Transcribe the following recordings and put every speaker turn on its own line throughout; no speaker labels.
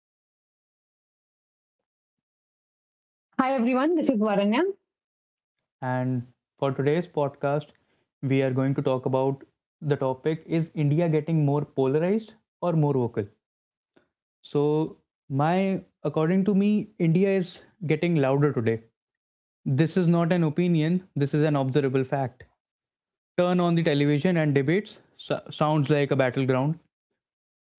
Siddhant,
Hi everyone, this is Varanya.
and for today's podcast, we are going to talk about the topic: is India getting more polarized or more vocal? So, my according to me, India is getting louder today. This is not an opinion, this is an observable fact. Turn on the television and debates sounds like a battleground.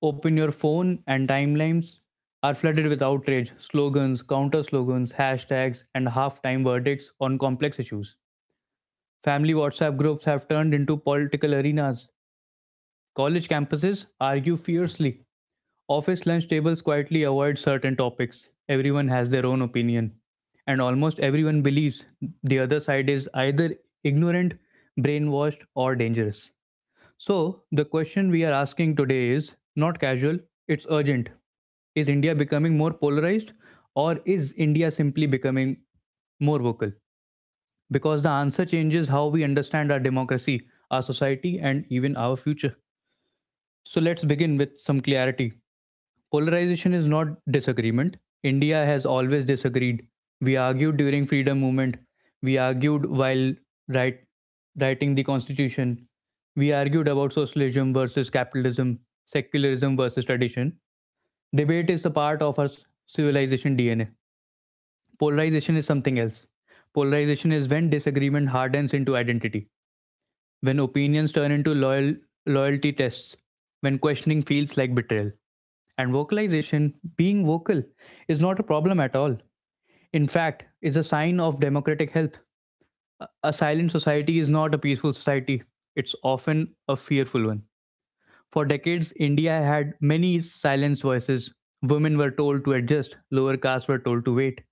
Open your phone, and timelines are flooded with outrage, slogans, counter slogans, hashtags, and half time verdicts on complex issues. Family WhatsApp groups have turned into political arenas. College campuses argue fiercely. Office lunch tables quietly avoid certain topics. Everyone has their own opinion. And almost everyone believes the other side is either ignorant, brainwashed, or dangerous. So, the question we are asking today is not casual, it's urgent. Is India becoming more polarized, or is India simply becoming more vocal? Because the answer changes how we understand our democracy, our society, and even our future. So let's begin with some clarity. Polarization is not disagreement. India has always disagreed. We argued during freedom movement. We argued while write, writing the constitution. We argued about socialism versus capitalism, secularism versus tradition. Debate is a part of our civilization DNA. Polarization is something else. Polarization is when disagreement hardens into identity, when opinions turn into loyalty tests, when questioning feels like betrayal. And vocalization, being vocal, is not a problem at all. In fact, is a sign of democratic health. A silent society is not a peaceful society. It's often a fearful one. For decades, India had many silenced voices. Women were told to adjust, lower castes were told to wait,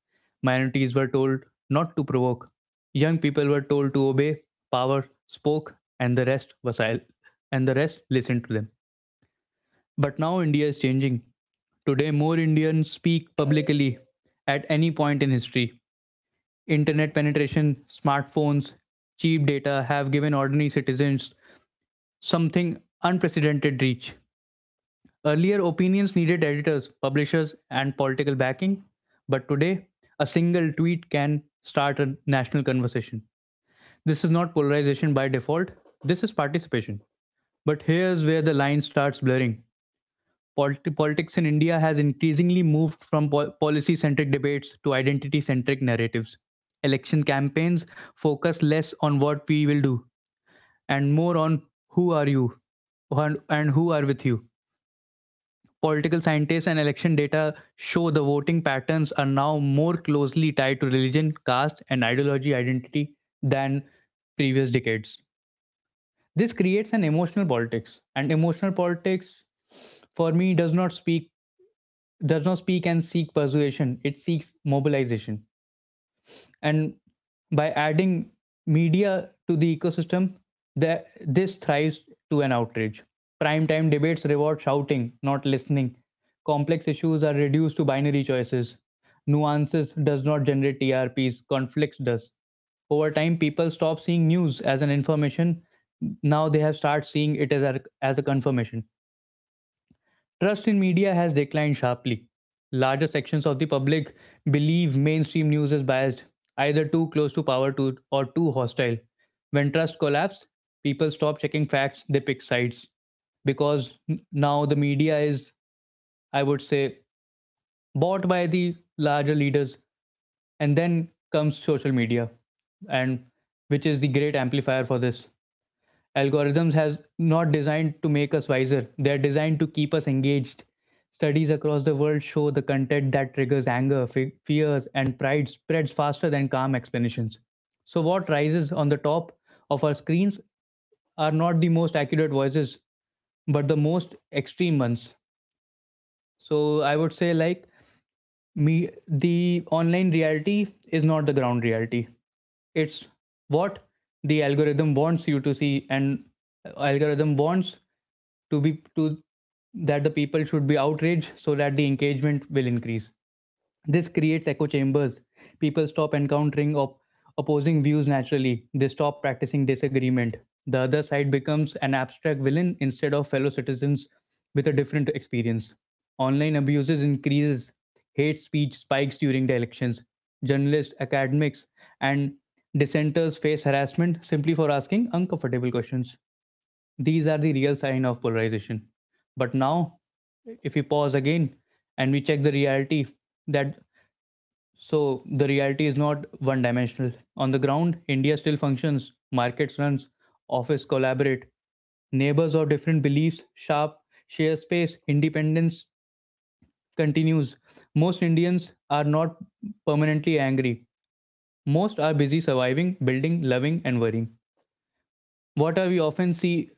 minorities were told not to provoke, young people were told to obey, power spoke, and the rest were silent, and the rest listened to them. But now India is changing. Today, more Indians speak publicly at any point in history. Internet penetration, smartphones, cheap data have given ordinary citizens something unprecedented reach. Earlier, opinions needed editors, publishers, and political backing, but today, a single tweet can start a national conversation. This is not polarization by default, this is participation. But here's where the line starts blurring. Politics in India has increasingly moved from policy centric debates to identity centric narratives. Election campaigns focus less on what we will do and more on who are you and who are with you. Political scientists and election data show the voting patterns are now more closely tied to religion, caste, and ideology identity than previous decades. This creates an emotional politics, and emotional politics, for me, does not speak and seek persuasion; it seeks mobilization. And by adding media to the ecosystem, this thrives to an outrage. Primetime debates reward shouting not listening. Complex issues are reduced to binary choices. Nuances does not generate TRPs, conflicts does. Over time, people stop seeing news as an information, now they have started seeing it as as a confirmation. Trust in media has declined sharply. Larger sections of the public believe mainstream news is biased, either too close to power to or too hostile. When trust collapses, people stop checking facts, they pick sides. Because now the media is, I would say, bought by the larger leaders, and then comes social media, and which is the great amplifier for this. Algorithms have not designed to make us wiser. They're designed to keep us engaged. Studies across the world show the content that triggers anger, fears, and pride spreads faster than calm explanations. So, what rises on the top of our screens are not the most accurate voices, but the most extreme ones. So I would say like me the online reality is not the ground reality. It's what the algorithm wants you to see, and algorithm wants to be to that the people should be outraged so that the engagement will increase. This creates echo chambers. People stop encountering opposing views naturally. They stop practicing disagreement. The other side becomes an abstract villain instead of fellow citizens with a different experience. Online abuses increases. Hate speech spikes during the elections. Journalists, academics, and dissenters face harassment simply for asking uncomfortable questions. These are the real sign of polarization. But now, if we pause again and we check the reality that so the reality is not one dimensional. On the ground, India still functions, markets runs, office collaborate, neighbors of different beliefs, share space, independence continues. Most Indians are not permanently angry. Most are busy surviving, building, loving, and worrying. What are we often see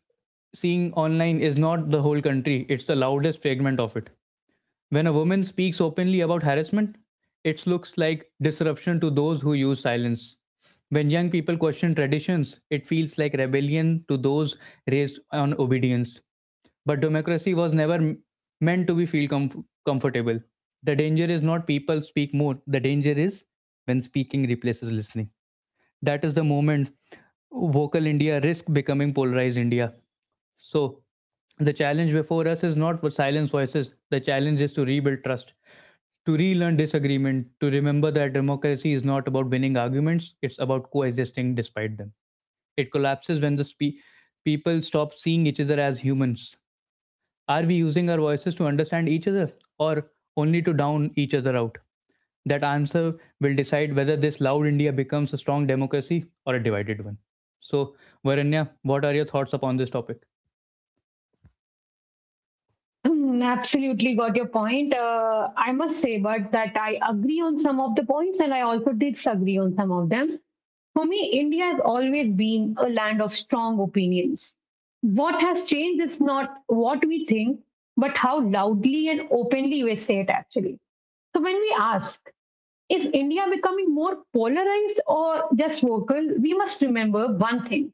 Seeing online is not the whole country, it's the loudest fragment of it. When a woman speaks openly about harassment, it looks like disruption to those who use silence. When young people question traditions, it feels like rebellion to those raised on obedience. But democracy was never meant to be feel comfortable. The danger is not people speak more. The danger is when speaking replaces listening. That is the moment vocal India risk becoming polarized India. So the challenge before us is not for silence voices. The challenge is to rebuild trust, to relearn disagreement, to remember that democracy is not about winning arguments, it's about coexisting despite them. It collapses when the people stop seeing each other as humans. Are we using our voices to understand each other or only to down each other out? That answer will decide whether this loud India becomes a strong democracy or a divided one. So, Varanya, what are your thoughts upon this topic?
Absolutely got your point. I must say, but that I agree on some of the points and I also disagree on some of them. For me, India has always been a land of strong opinions. What has changed is not what we think, but how loudly and openly we say it actually. So when we ask, is India becoming more polarized or just vocal? We must remember one thing,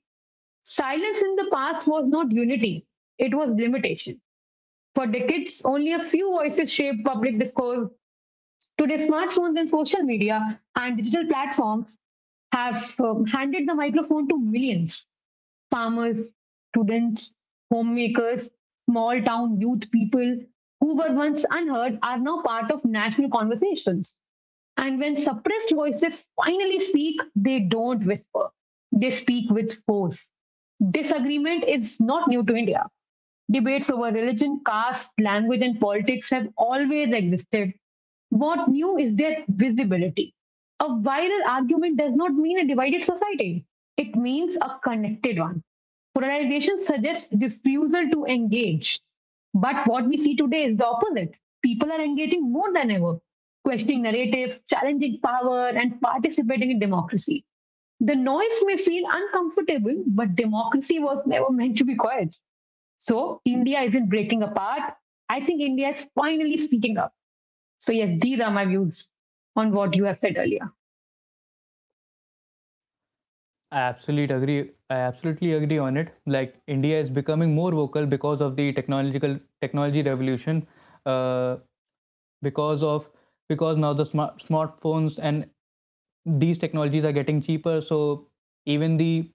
silence in the past was not unity, it was limitation. For decades, only a few voices shaped public discourse. Today, smartphones and social media and digital platforms have handed the microphone to millions, farmers, students, homemakers, small town youth, people who were once unheard are now part of national conversations. And when suppressed voices finally speak, they don't whisper, they speak with force. Disagreement is not new to India. Debates over religion, caste, language, and politics have always existed. What new is their visibility. A viral argument does not mean a divided society, it means a connected one. Polarization suggests refusal to engage. But what we see today is the opposite. People are engaging more than ever, questioning narratives, challenging power, and participating in democracy. The noise may feel uncomfortable, but democracy was never meant to be quiet. So India isn't breaking apart. I think India is finally speaking up. So, yes, these are my views on what you have said earlier.
I absolutely agree. I absolutely agree on it. Like India is becoming more vocal because of the technological technology revolution, uh, because of because now the smartphones and these technologies are getting cheaper. So even the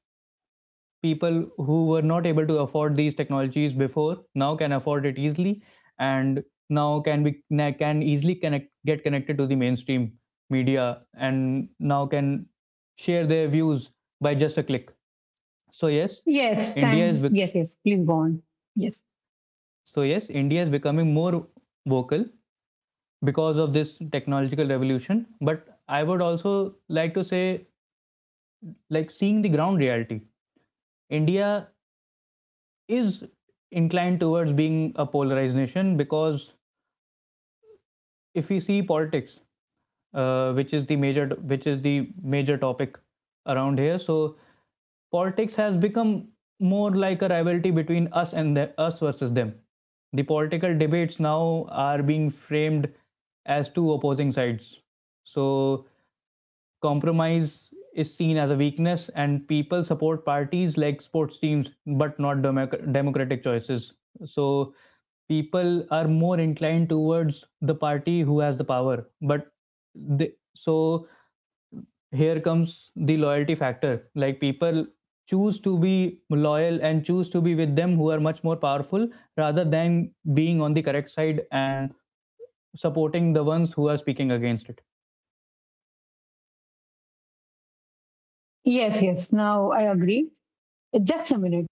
people who were not able to afford these technologies before now can afford it easily, and now can be can easily connect get connected to the mainstream media, and now can share their views by just a click. So yes,
Yes,
india is
thanks.
bec-
Yes, yes, please go on. Yes,
so yes, india is becoming more vocal because of this technological revolution, but I would also like to say like seeing the ground reality, india is inclined towards being a polarized nation. Because if we see politics, which is the major topic around here, so politics has become more like a rivalry between us and us versus them. The political debates now are being framed as two opposing sides. So compromise is seen as a weakness and people support parties like sports teams but not democratic choices. So people are more inclined towards the party who has the power, but so here comes the loyalty factor, like people choose to be loyal and choose to be with them who are much more powerful rather than being on the correct side and supporting the ones who are speaking against it.
yes, yes. Now I agree. Just a minute.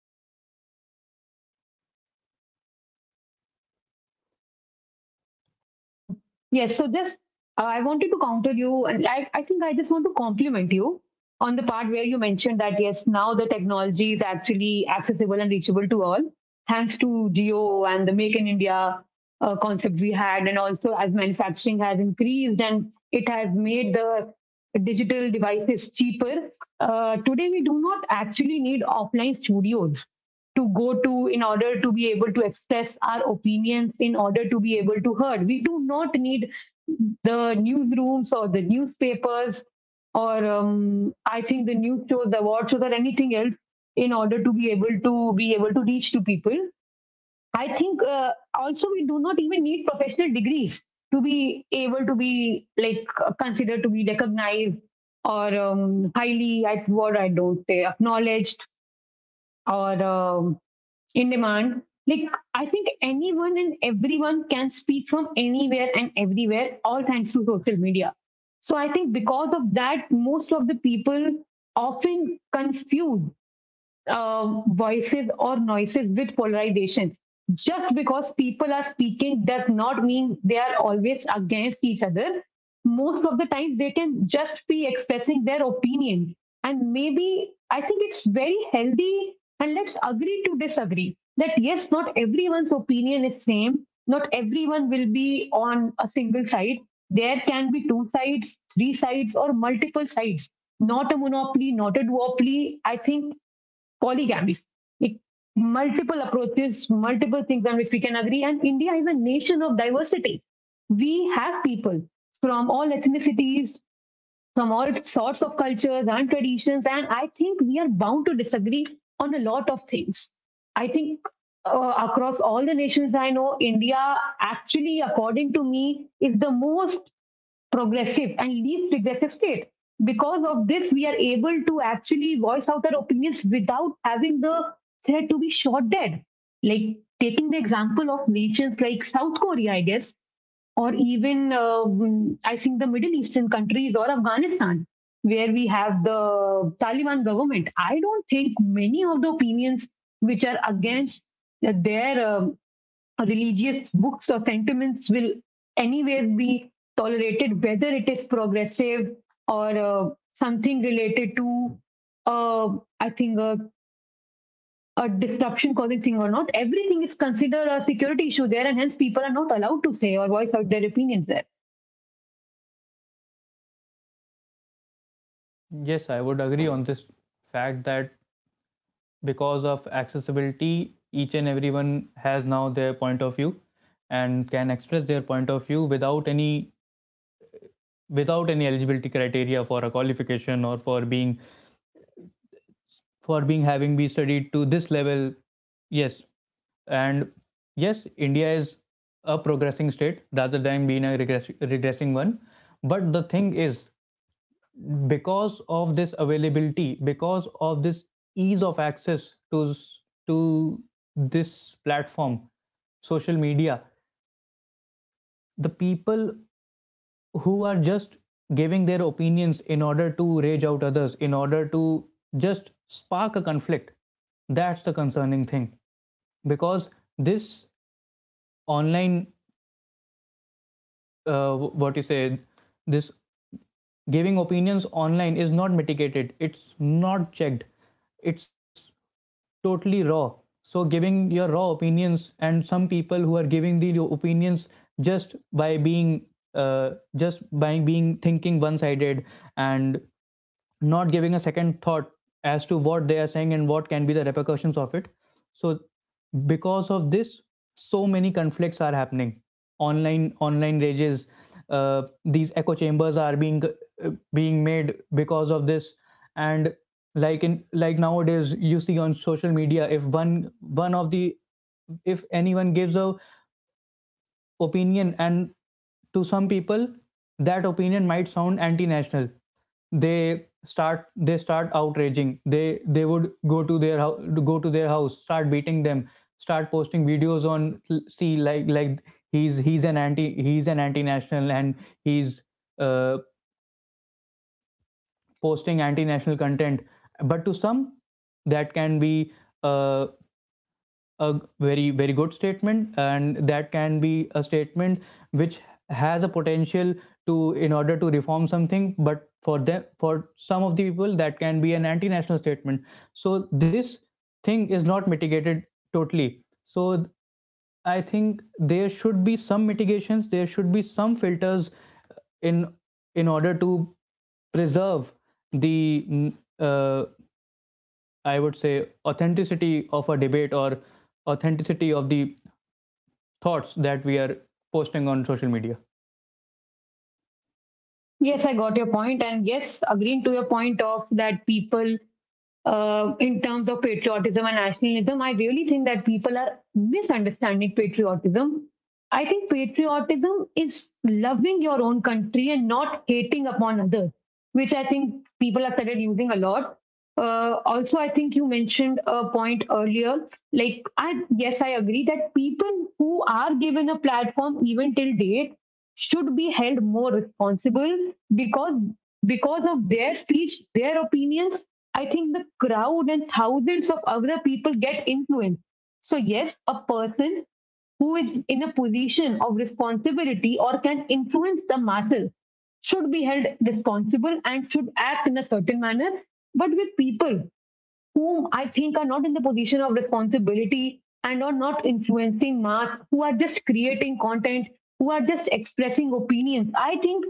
Hmm. Yes, so just I wanted to counter you, and I think I just want to compliment you on the part where you mentioned that yes, now the technology is actually accessible and reachable to all, thanks to Geo and the Make in India concept we had, and also as manufacturing has increased and it has made the digital devices cheaper. Today, we do not actually need offline studios to go to in order to be able to express our opinions, in order to be able to heard. We do not need the newsrooms or the newspapers or I think the news shows, the award shows, or anything else in order to be able to be able to reach to people. I think also we do not even need professional degrees to be able to be like considered to be recognized or highly at what I don't say acknowledged or in demand. Like, I think anyone and everyone can speak from anywhere and everywhere, all thanks to social media. So, I think because of that, most of the people often confuse voices or noises with polarization. Just because people are speaking does not mean they are always against each other. Most of the times, they can just be expressing their opinion. And maybe I think it's very healthy and let's agree to disagree that yes, not everyone's opinion is same. Not everyone will be on a single side. There can be two sides, three sides, or multiple sides. Not a monopoly, not a duopoly. I think polygamous. It, multiple approaches, multiple things on which we can agree. And India is a nation of diversity. We have people from all ethnicities, from all sorts of cultures and traditions. And I think we are bound to disagree on a lot of things. I think across all the nations I know, India actually, according to me, is the most progressive and least regressive state. Because of this, we are able to actually voice out our opinions without having the threat to be shot dead. Like taking the example of nations like South Korea, I guess, or even I think the Middle Eastern countries or Afghanistan, where we have the Taliban government. I don't think many of the opinions which are against their religious books or sentiments will anyways be tolerated, whether it is progressive or something related to, uh, I think, a disruption causing thing or not. Everything is considered a security issue there, and hence people are not allowed to say or voice out their opinions there.
Yes, I would agree on this fact that because of accessibility each and everyone has now their point of view and can express their point of view without any eligibility criteria for a qualification or for being having be studied to this level. Yes, and yes, india is a progressing state rather than being a regressing one. But the thing is, because of this availability, because of this ease of access to to this platform, social media, the people who are just giving their opinions in order to rage out others, in order to just spark a conflict, that's the concerning thing. Because this online, what you say, this giving opinions online is not mitigated, it's not checked, it's totally raw. So giving your raw opinions, and some people who are giving the opinions just by being thinking one sided and not giving a second thought as to what they are saying and what can be the repercussions of it. So because of this, so many conflicts are happening online, online rages, these echo chambers are being being made because of this. And like nowadays you see on social media, if one of the if anyone gives a opinion and to some people that opinion might sound anti-national, they start outraging, they would go to their house start beating them, start posting videos on, see like he's an anti-national, and he's uh, posting anti-national content. But to some, that can be uh, a very good statement, and that can be a statement which has a potential to in order to reform something. But for them, for some of the people, that can be an anti-national statement. So this thing is not mitigated totally. So I think there should be some mitigations, there should be some filters in order to preserve the mm, uh, I would say, authenticity of a debate or authenticity of the thoughts that we are posting on social media.
Yes, I got your point, and yes, agreeing to your point of that people in terms of patriotism and nationalism, I really think that people are misunderstanding patriotism. I think patriotism is loving your own country and not hating upon others, which I think people have started using a lot. Also, I think you mentioned a point earlier. Like, I yes, I agree that people who are given a platform even till date should be held more responsible because of their speech, their opinions. I think the crowd and thousands of other people get influenced. So yes, a person who is in a position of responsibility or can influence the masses should be held responsible and should act in a certain manner. But with people, whom I think are not in the position of responsibility and are not influencing mass, who are just creating content, who are just expressing opinions. I think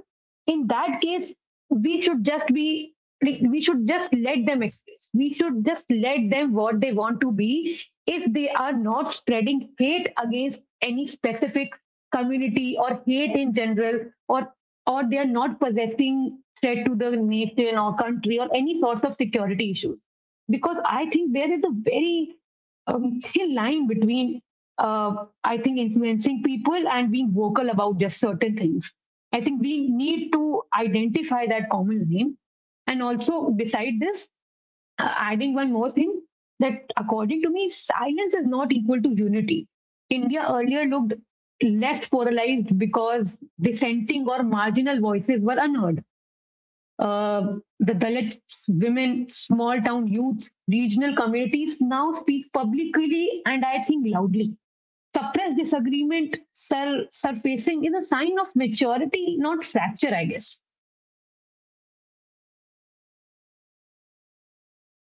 in that case, we should just be like we should just let them express. We should just let them what they want to be if they are not spreading hate against any specific community or hate in general or they are not possessing threat to the nation or country or any sorts of security issues because I think there is a very thin line between, I think, influencing people and being vocal about just certain things. I think we need to identify that common line. And also, beside this, adding one more thing that according to me silence is not equal to unity. India earlier looked left polarized because dissenting or marginal voices were unheard. uh, the Dalits, women, small town youth, regional communities now speak publicly and I think loudly. Suppressed disagreement surfacing is a sign of maturity, not fracture, I guess.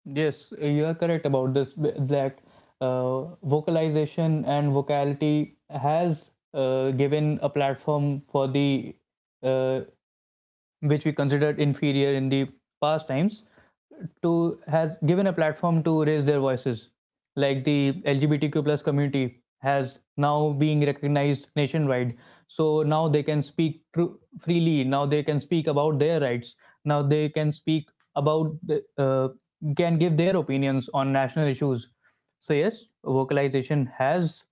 Yes, you are correct about this that vocalization and vocality has given a platform for the uh, which we considered inferior in the past times to has given a platform to raise their voices, like the LGBTQ plus community has now being recognized nationwide. So now they can speak freely, now they can speak about their rights, now they can speak about can give their opinions on national issues. So yes, vocalization has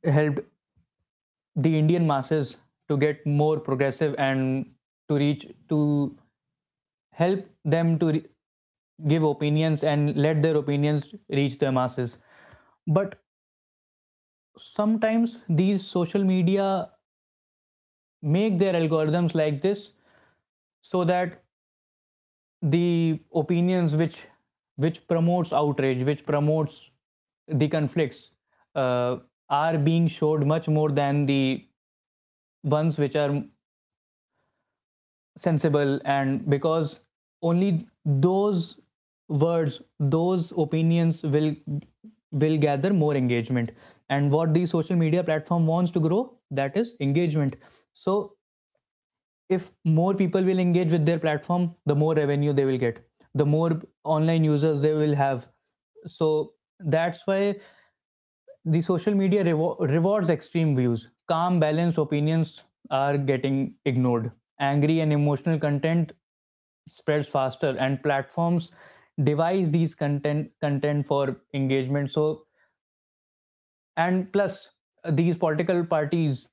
helped the Indian masses to get more progressive and to reach to help them to give opinions and let their opinions reach the masses. But sometimes these social media make their algorithms like this, so that the opinions which promotes outrage, which promotes the conflicts uh, are being showed much more than the ones which are sensible. And because only those words, those opinions will gather more engagement, and what the social media platform wants to grow, that is engagement. So if more people will engage with their platform, the more revenue they will get, the more online users they will have. So that's why the social media rewards extreme views. Calm balanced opinions are getting ignored. Angry and emotional content spreads faster and platforms devise these content for engagement. So and plus, these political parties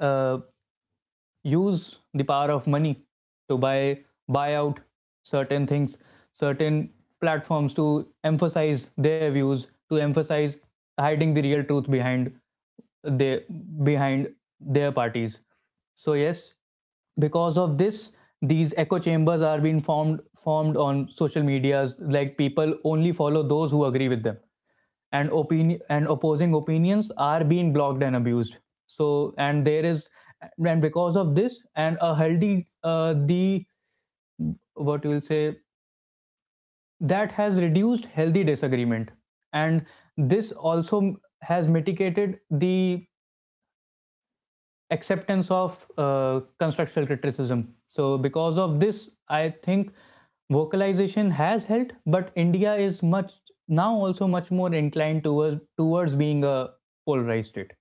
uh, use the power of money to buy out certain things, certain platforms to emphasize their views, to emphasize hiding the real truth behind the behind their parties. So yes, because of this, these echo chambers are being formed on social medias, like people only follow those who agree with them, and opinion and opposing opinions are being blocked and abused. So and there is and because of this, and a healthy the what you will say, that has reduced healthy disagreement, and this also has mitigated the acceptance of constructional criticism. So, because of this, I think vocalization has helped, but India is much now also much more inclined towards being a polarized state.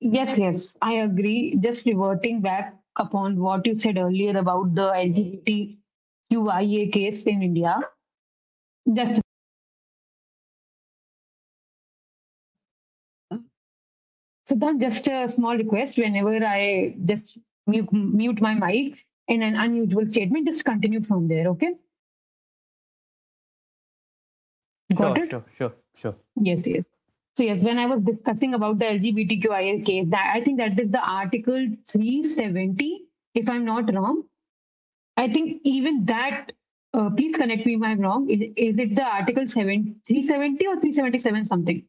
Yes, yes, I agree. Just reverting back upon what you said earlier about the LGBTQIA case in India, just Siddharth, just a small request. Whenever I just mute my mic in an unusual statement, just continue from there. Okay, got
Sure,
it?
sure, sure, sure.
Yes, yes. So yes, when I was discussing about the LGBTQIA case, that I think that is the Article 370, if I'm not wrong. I think even that. Please connect me if I'm wrong. Is it the Article 7, 370 or 377 something?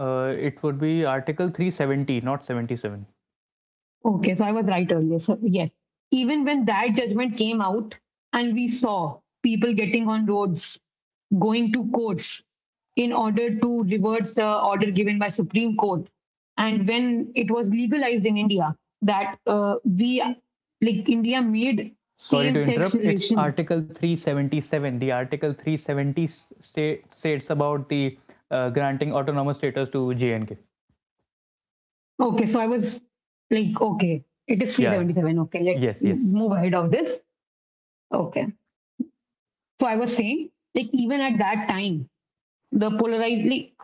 It would be Article 370, not 77.
Okay, so I was right earlier. So, yes, even when that judgment came out and we saw people getting on roads, going to courts in order to reverse the order given by Supreme Court, and when it was legalized in India, that we like India made
Sorry to
same-sex
interrupt. It's
relation.
Article 377. The Article 370 state, states about the granting autonomous status to J and K.
Okay, so I was like, okay, it is
Yeah, yeah.
377. Okay, let's
Yes,
move ahead of this. Okay. So I was saying, like even at that time, the polarized, like,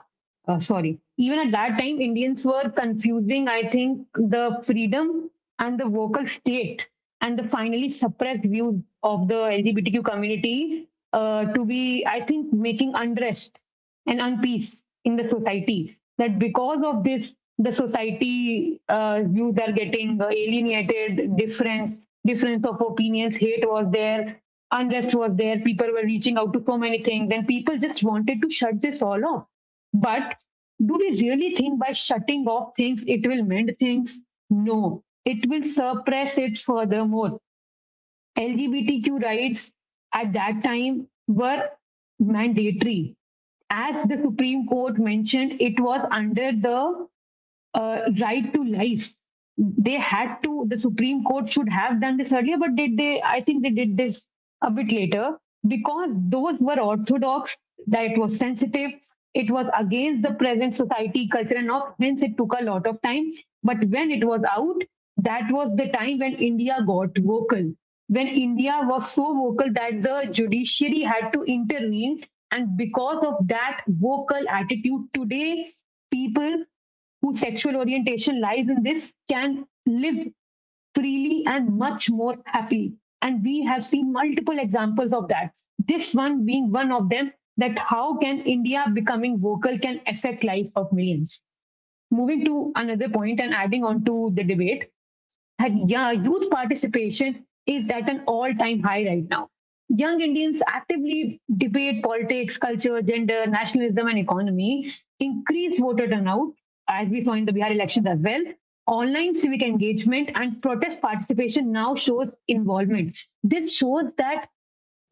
sorry, even at that time, Indians were confusing. I think the freedom and the vocal state and the finally suppressed view of the LGBTQ community to be, I think, making unrest and unpeace in the society. That because of this, the society views are getting alienated, difference of opinions, hate was there, unrest was there. People were reaching out to so many things. Then people just wanted to shut this all off. But do we really think by shutting off things it will mend things? No, it will suppress it furthermore. LGBTQ rights at that time were mandatory. As the Supreme Court mentioned, it was under the right to life. They had to, the Supreme Court should have done this earlier, but did they? I think they did this a bit later because those were orthodox, that it was sensitive, it was against the present society, culture, and all, hence it took a lot of time. But when it was out, that was the time when India got vocal when India was so vocal that the judiciary had to intervene. And because of that vocal attitude, today people whose sexual orientation lies in this can live freely and much more happily. And we have seen multiple examples of that. This one being one of them, that how can India becoming vocal can affect life of millions. Moving to another point and adding on to the debate, that yeah, youth participation is at an all time high right now. Young Indians actively debate politics, culture, gender, nationalism, and economy, increased voter turnout, as we saw in the Bihar elections as well. Online civic engagement and protest participation now shows involvement. This shows that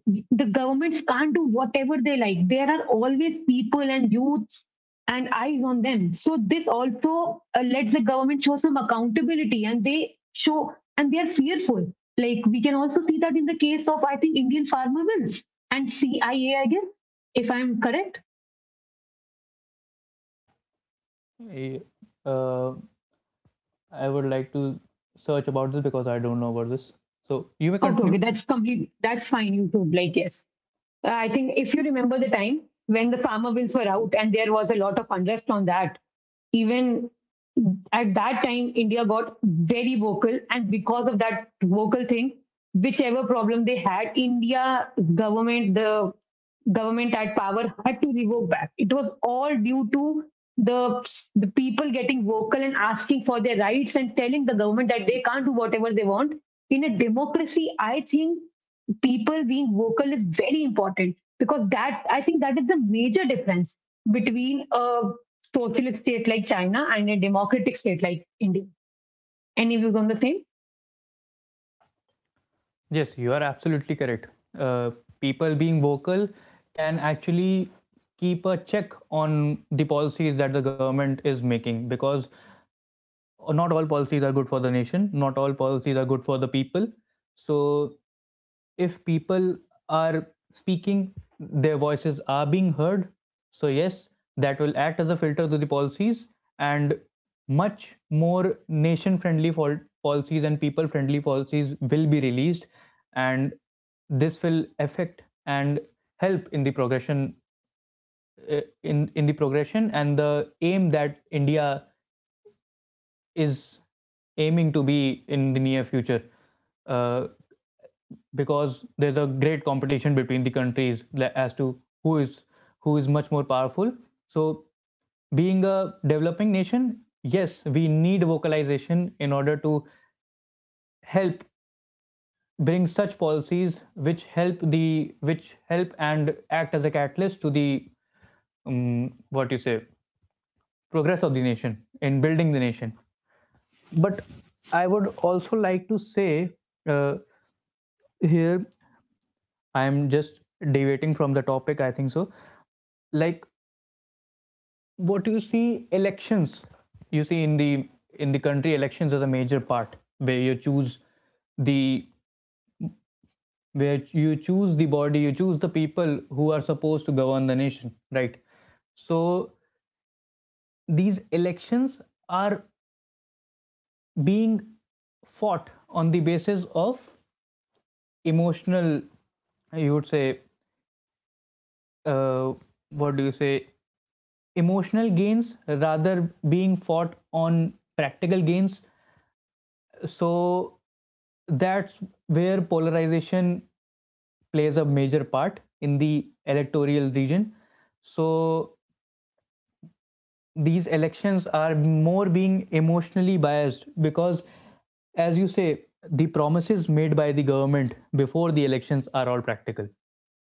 the governments can't do whatever they like. There are always people and youths and eyes on them. So this also lets the government show some accountability, and they show and they are fearful. Like we can also see that in the case of I think Indian farmer bills and CIA, I A, I guess if I'm correct.
yes. Uh, I would like to search about this because I don't know about this. So you may
Okay, okay,
continue.
that's complete. That's fine. You should like yes. I think if you remember the time when the farmer bills were out and there was a lot of unrest on that, even at that time, India got very vocal. And because of that vocal thing, whichever problem they had, India's government, the government at power had to revoke back. It was all due to the people getting vocal and asking for their rights and telling the government that they can't do whatever they want in a democracy. I think people being vocal is very important because that I think that is the major difference between a socialist state like China and a democratic state like India. Any views on the same?
Yes, you are absolutely correct. Uh, people being vocal can actually keep a check on the policies that the government is making, because not all policies are good for the nation, not all policies are good for the people. So if people are speaking, their voices are being heard. So, yes, that will act as a filter to the policies, and much more nation friendly policies and people friendly policies will be released. And this will affect and help in the progression, uh, in the progression and the aim that India is aiming to be in the near future, uh, because there's a great competition between the countries as to who is who is much more powerful. So being a developing nation, yes, we need vocalization in order to help bring such policies which help the which help and act as a catalyst to the what you say progress of the nation, in building the nation. But I would also like to say, uh, here I am just deviating from the topic I think, so like what you see elections, you see in the country elections are the major part where you choose the where you choose the body, you choose the people who are supposed to govern the nation, right? So these elections are being fought on the basis of emotional, you would say, uh, what do you say emotional gains rather being fought on practical gains. So that's where polarization plays a major part in the electoral region. So these elections are more being emotionally biased because, as you say, the promises made by the government before the elections are all practical,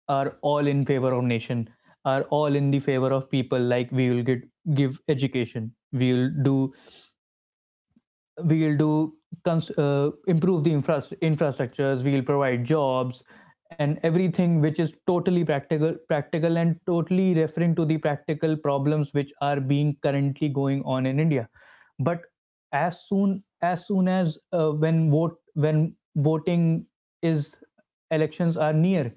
are all in favor of nation, are all in the favor of people, like we will get give education, we will do improve the infrastructures, we'll provide jobs, and everything which is totally practical and totally referring to the practical problems which are being currently going on in India. But as soon as soon as when vote when voting is elections are near,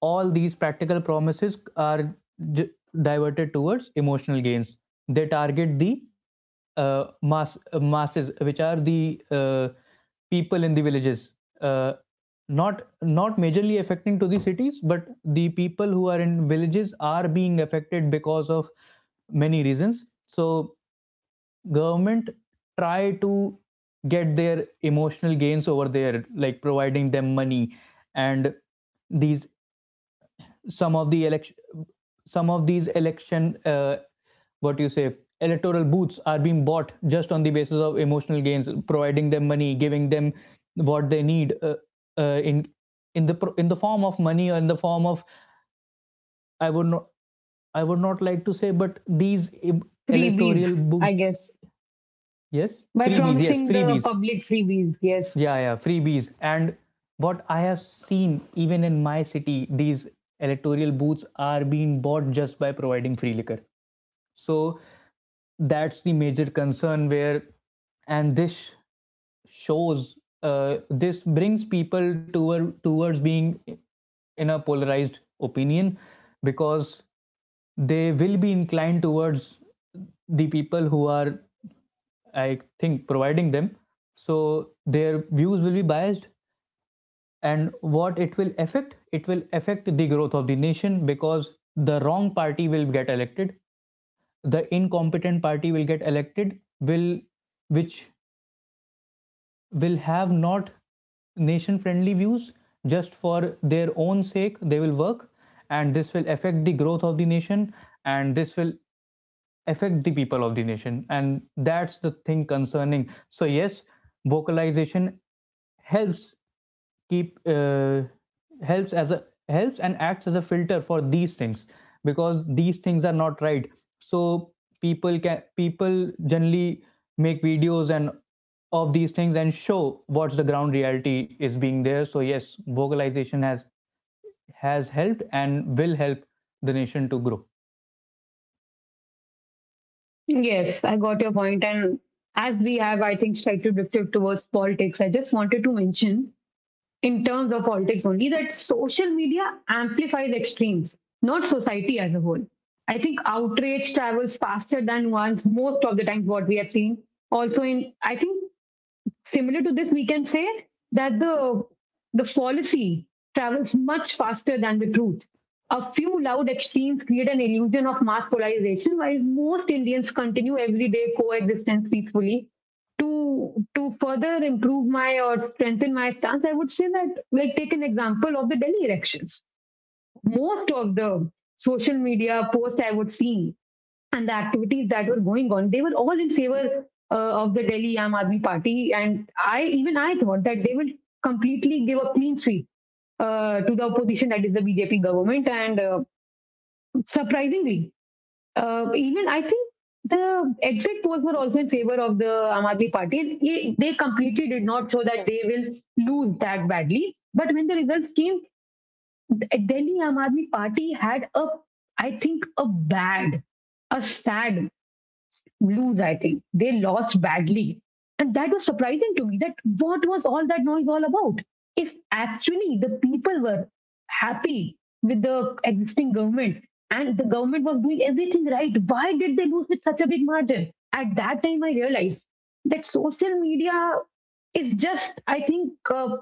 all these practical promises are diverted towards emotional gains. They target the masses which are the people in the villages, uh, not majorly affecting to the cities, but the people who are in villages are being affected because of many reasons. So government try to get their emotional gains over there, like providing them money. And these some of the election, some of these election what you say electoral booths are being bought just on the basis of emotional gains, providing them money, giving them what they need, uh, in in the in the form of money or in the form of, I would not, I would not like to say, but these electoral
Freebies, I
booths,
guess.
yes,
By
freebies, yes,
promising
freebies,
the public freebies, yes.
yeah, yeah, freebies. And what I have seen, even in my city, these electoral booths are being bought just by providing free liquor. So that's the major concern, where, and this shows this brings people towards being in a polarized opinion, because they will be inclined towards the people who are, I think, providing them. So their views will be biased. And what it will affect, it will affect the growth of the nation, because the wrong party will get elected, the incompetent party will get elected, will which will have not nation friendly views, just for their own sake they will work. And this will affect the growth of the nation, and this will affect the people of the nation, and that's the thing concerning. So yes, vocalization helps keep helps as a helps and acts as a filter for these things, because these things are not right. So people generally make videos and of these things and show what's the ground reality is being there. So yes, vocalization has helped and will help the nation to grow.
Yes, I got your point. And as we have, I think, slightly drifted towards politics, I just wanted to mention in terms of politics only that social media amplifies extremes, not society as a whole. I think outrage travels faster than once, most of the times, what we have seen. Also in I think similar to this, we can say that the fallacy travels much faster than the truth. A few loud extremes create an illusion of mass polarization, while most Indians continue everyday coexistence peacefully. To further improve my or strengthen my stance, I would say that like take an example of the Delhi elections. Most of the social media posts I would see and the activities that were going on, they were all in favor of the Delhi Aam Aadmi Party. And I, even I thought that they will completely give a clean sweep to the opposition, that is the BJP government. And Surprisingly, even I think the exit polls were also in favor of the Aam Aadmi Party. And they completely did not show that they will lose that badly. But when the results came, Delhi Aam Aadmi Party had a, I think, a bad, a sad lose, I think. They lost badly. And that was surprising to me that what was all that noise all about? If actually the people were happy with the existing government and the government was doing everything right, why did they lose with such a big margin? At that time, I realized that social media is just, I think, uh,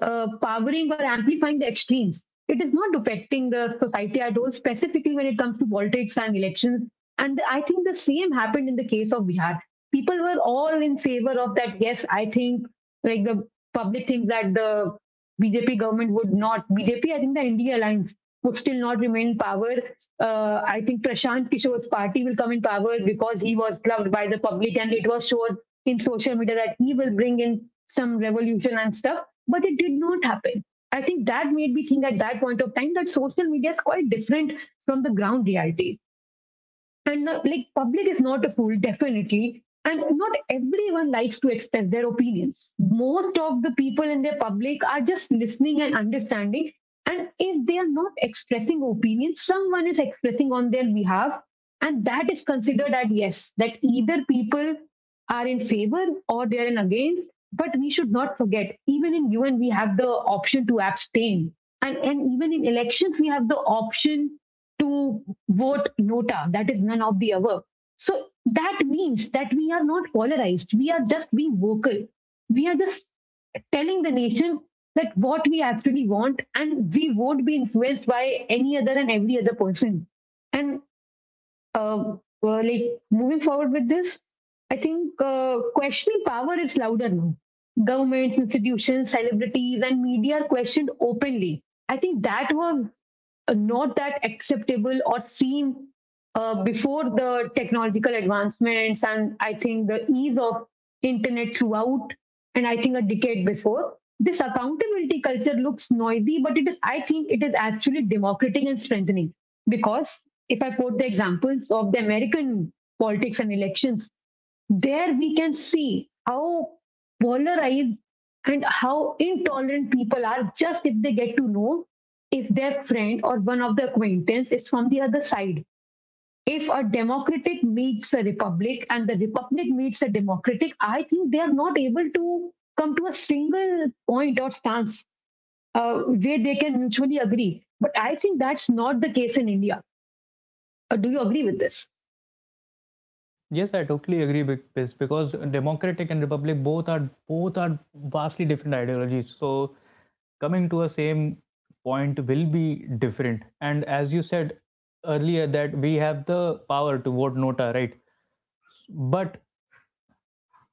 uh, powering or amplifying the extremes. It is not affecting the society at all, specifically when it comes to politics and elections, and I think the same happened in the case of Bihar. People were all in favor of that. Yes, I think like the public thinks that the BJP government would not. BJP, I think the India Alliance would still not remain in power. I think Prashant Kishore's party will come in power because he was loved by the public, and it was shown in social media that he will bring in some revolution and stuff. But it did not happen. I think that made me think at that point of time that social media is quite different from the ground reality, and not, like, public is not a fool, definitely, and not everyone likes to express their opinions. Most of the people in their public are just listening and understanding, and if they are not expressing opinions, someone is expressing on their behalf, and that is considered as yes, that either people are in favor or they are in against. But we should not forget, even in UN we have the option to abstain, and even in elections we have the option to vote NOTA, that is none of the above. So that means that we are not polarized, we are just being vocal. We are just telling the nation that what we actually want, and we won't be influenced by any other and every other person. And uh, like moving forward with this, I think questioning power is louder now. Governments, institutions, celebrities, and media are questioned openly. I think that was not that acceptable or seen before the technological advancements and I think the ease of internet throughout, and I think a decade before. This accountability culture looks noisy, but it is, I think it is actually democratic and strengthening, because if I quote the examples of the American politics and elections, there we can see how polarized and how intolerant people are just if they get to know if their friend or one of the acquaintance is from the other side. If a democratic meets a republic and the republic meets a democratic, I think they are not able to come to a single point or stance where they can mutually agree. But I think that's not the case in India. Do you agree with this?
Yes, I totally agree with this, because democratic and republic both are vastly different ideologies. So coming to a same point will be different. And as you said earlier, that we have the power to vote NOTA, right? But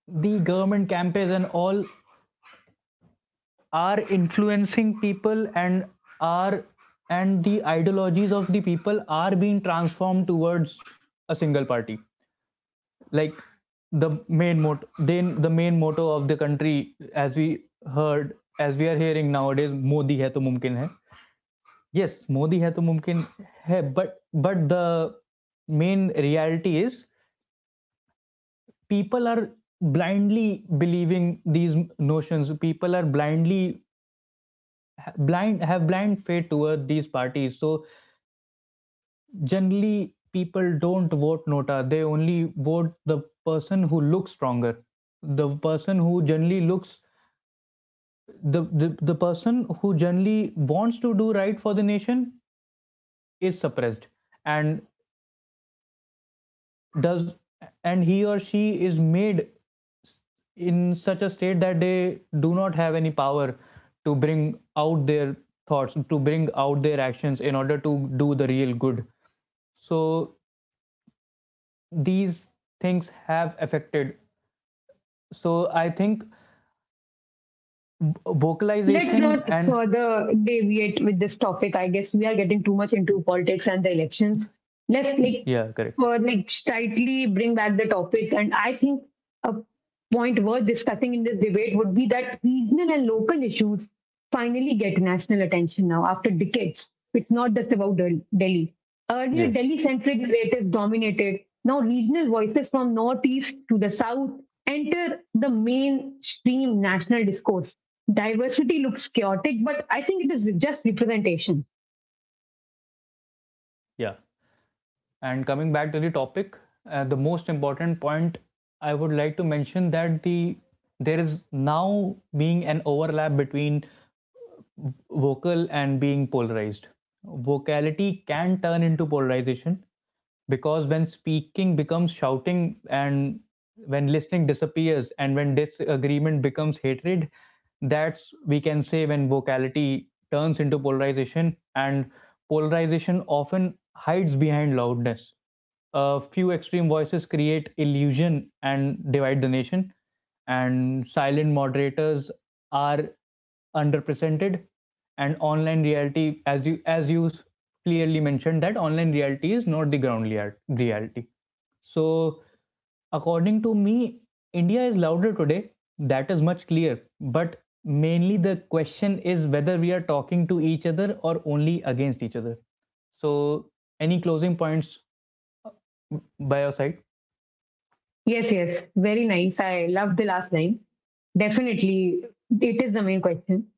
the government campaigns and all are influencing people and are and the ideologies of the people are being transformed towards a single party, like the main motto, of the country, as we heard, as we are hearing nowadays, Modi hai to mumkin hai. Yes, Modi hai to mumkin hai, but the main reality is, people are blindly believing these notions, people are blindly blind faith toward these parties. So generally people don't vote NOTA, they only vote the person who looks stronger, the person who generally looks the person who generally wants to do right for the nation is suppressed, and does, and he or she is made in such a state that they do not have any power to bring out their thoughts, to bring out their actions in order to do the real good. So these things have affected. So I think
Let's
vocalization
not
and
further deviate with this topic. I guess we are getting too much into politics and the elections. Let's like,
yeah correct
like, tightly bring back the topic. And I think a point worth discussing in this debate would be that regional and local issues finally get national attention now after decades. It's not just about Delhi. Earlier,
yes
Delhi centric narrative dominated. Now, regional voices from northeast to the south enter the mainstream national discourse. Diversity looks chaotic, but I think it is just representation.
yeah. And coming back to the topic, the most important point I would like to mention that there is now being an overlap between vocal and being polarized. Vocality can turn into polarization, because when speaking becomes shouting, and when listening disappears, and when disagreement becomes hatred, that's we can say when vocality turns into polarization, and polarization often hides behind loudness. A few extreme voices create illusion and divide the nation, and silent moderators are underrepresented, and online reality, as you clearly mentioned, that online reality is not the ground reality. So according to me, India is louder today, that is much clear. But mainly the question is whether we are talking to each other or only against each other. So any closing points by your side?
Yes, yes. Very nice. I love the last line. Definitely, it is the main question.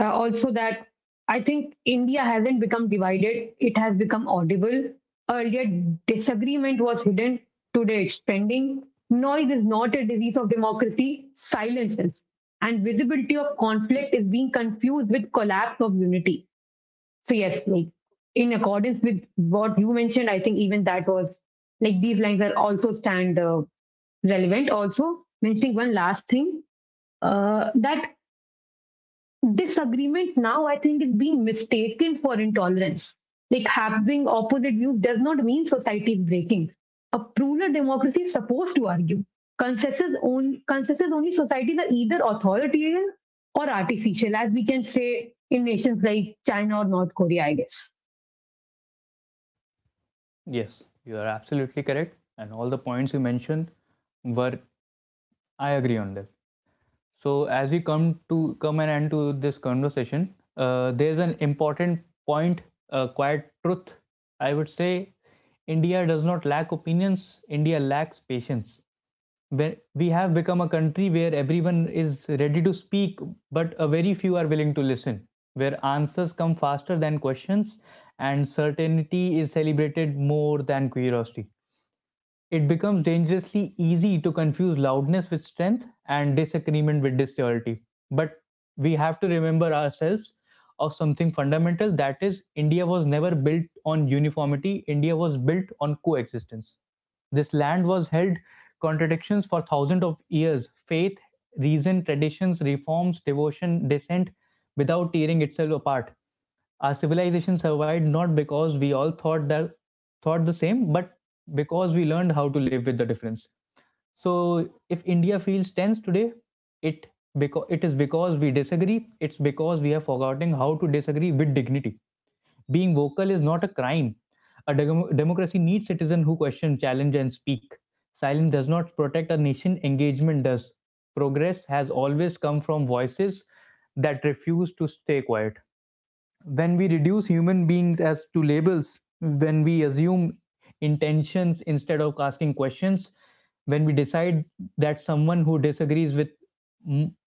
Also, that I think India hasn't become divided, it has become audible. Earlier, disagreement was hidden, today, it's trending. Noise is not a disease of democracy, silences. And visibility of conflict is being confused with collapse of unity. So yes, like in accordance with what you mentioned, I think even that was like these lines are also stand relevant. Also mentioning one last thing that disagreement now I think is being mistaken for intolerance. Like having opposite views does not mean society is breaking. A plural democracy is supposed to argue. Consensus only societies are either authoritarian or artificial, as we can say in nations like China or North Korea, I guess.
Yes, you are absolutely correct, and all the points you mentioned were, I agree on that. So as we come to come and end to this conversation, there's an important point, quiet truth, I would say. India does not lack opinions. India lacks patience. Where we have become a country where everyone is ready to speak, but a very few are willing to listen. Where answers come faster than questions, and certainty is celebrated more than curiosity. It becomes dangerously easy to confuse loudness with strength and disagreement with disloyalty. But we have to remember ourselves of something fundamental, that is, India was never built on uniformity, India was built on coexistence. This land was held contradictions for thousands of years, faith, reason, traditions, reforms, devotion, dissent, without tearing itself apart. Our civilization survived not because we all thought the same, but because we learned how to live with the difference. So if India feels tense today, it because it is because we disagree, it's because we have forgotten how to disagree with dignity. Being vocal is not a crime. A democracy needs citizens who question, challenge, and speak. Silence does not protect a nation, engagement does. Progress has always come from voices that refuse to stay quiet. When we reduce human beings as to labels, when we assume intentions instead of asking questions, when we decide that someone who disagrees with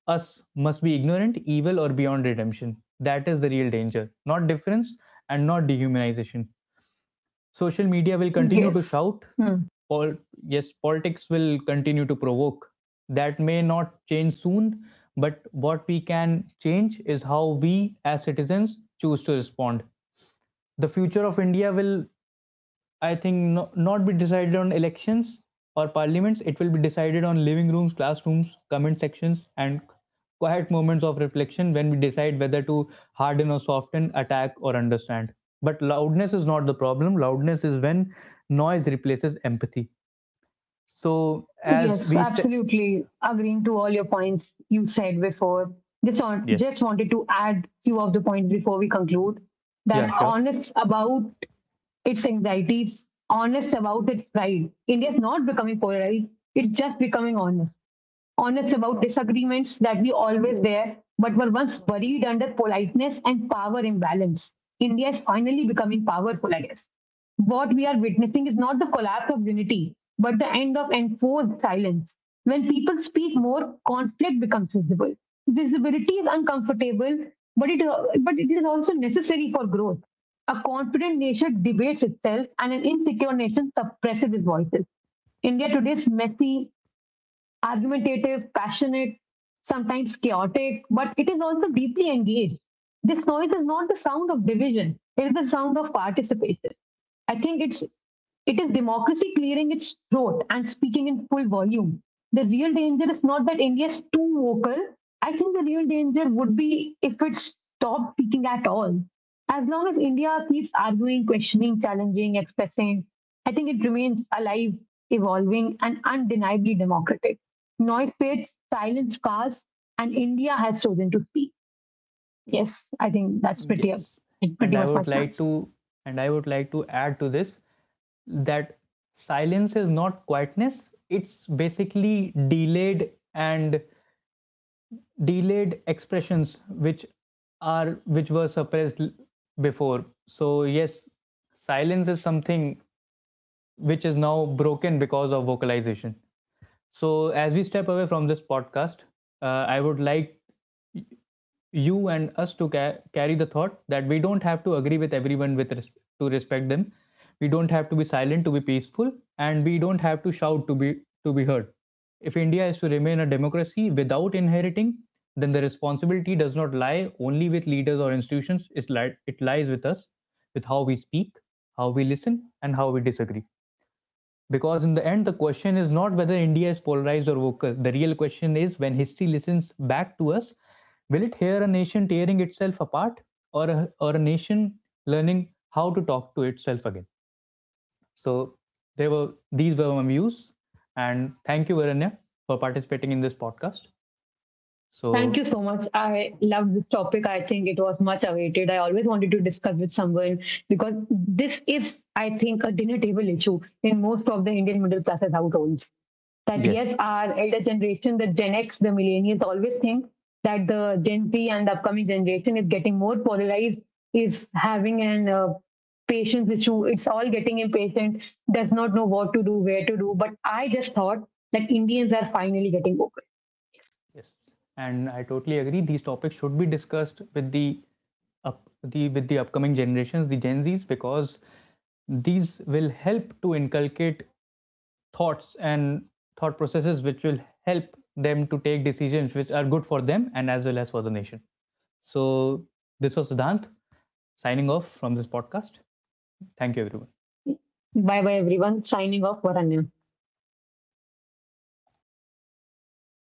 us must be ignorant, evil, or beyond redemption, that is the real danger, not difference, and not dehumanization. Social media will continue to
Yes.
shout,
Hmm.
Pol- yes, politics will continue to provoke, that may not change soon. But what we can change is how we as citizens choose to respond. The future of India will, I think, not be decided on elections or parliaments. It will be decided on living rooms, classrooms, comment sections, and quiet moments of reflection, when we decide whether to harden or soften, attack or understand. But loudness is not the problem. Loudness is when noise replaces empathy. So as
Yes,
we
absolutely. Agreeing to all your points you said before. Just on,
yes,
just wanted to add few of the points before we conclude.
yeah,
That
sure.
honest about its anxieties, honest about its pride. India is not becoming polarized. It's just becoming honest. Honest about disagreements that we always there, but were once buried under politeness and power imbalance. India is finally becoming powerful, I guess. What we are witnessing is not the collapse of unity, but the end of enforced silence. When people speak more, conflict becomes visible. Visibility is uncomfortable, but it is also necessary for growth. A confident nation debates itself, and an insecure nation suppresses its voices. India today's messy, argumentative, passionate, sometimes chaotic, but it is also deeply engaged. This noise is not the sound of division, it is the sound of participation. I think it is democracy clearing its throat and speaking in full volume. The real danger is not that India is too vocal. I think the real danger would be if it stopped speaking at all. As long as India keeps arguing, questioning, challenging, expressing, I think it remains alive, evolving, and undeniably democratic. Noy fits, silenced cars, and India has chosen to speak. Yes, I think that's pretty
Yes. And
pretty
I
much my
would like
stance.
to and I would like to add to this that silence is not quietness, it's basically delayed expressions which are which were suppressed before. So yes, silence is something which is now broken because of vocalization. So, as we step away from this podcast, uh, I would like you and us to carry the thought that we don't have to agree with everyone, with to respect them. We don't have to be silent to be peaceful, and we don't have to shout to be heard. If India is to remain a democracy without inheriting, then the responsibility does not lie only with leaders or institutions. It, it lies with us, with how we speak, how we listen, and how we disagree. Because in the end, the question is not whether India is polarized or vocal. The real question is, when history listens back to us, will it hear a nation tearing itself apart, or or a nation learning how to talk to itself again? So there were, these were my views, and thank you, Varanya, for participating in this podcast.
Thank
So
you so much. I love this topic. I think it was much awaited. I always wanted to discuss with someone because this is, I think, a dinner table issue in most of the Indian middle classes households. That yes,
yes,
our elder generation, the Gen X, the millennials always think that the Gen Z and the upcoming generation is getting more polarized, is having an patience issue. It's all getting impatient, does not know what to do, where to do. But I just thought that Indians are finally getting woke.
yes, and I totally agree. These topics should be discussed with the up the with the upcoming generations, the Gen Zs, because these will help to inculcate thoughts and thought processes which will help them to take decisions which are good for them and as well as for the nation. So this was Siddhant signing off from this podcast. Thank you everyone.
Bye bye everyone. Signing off, Varanya.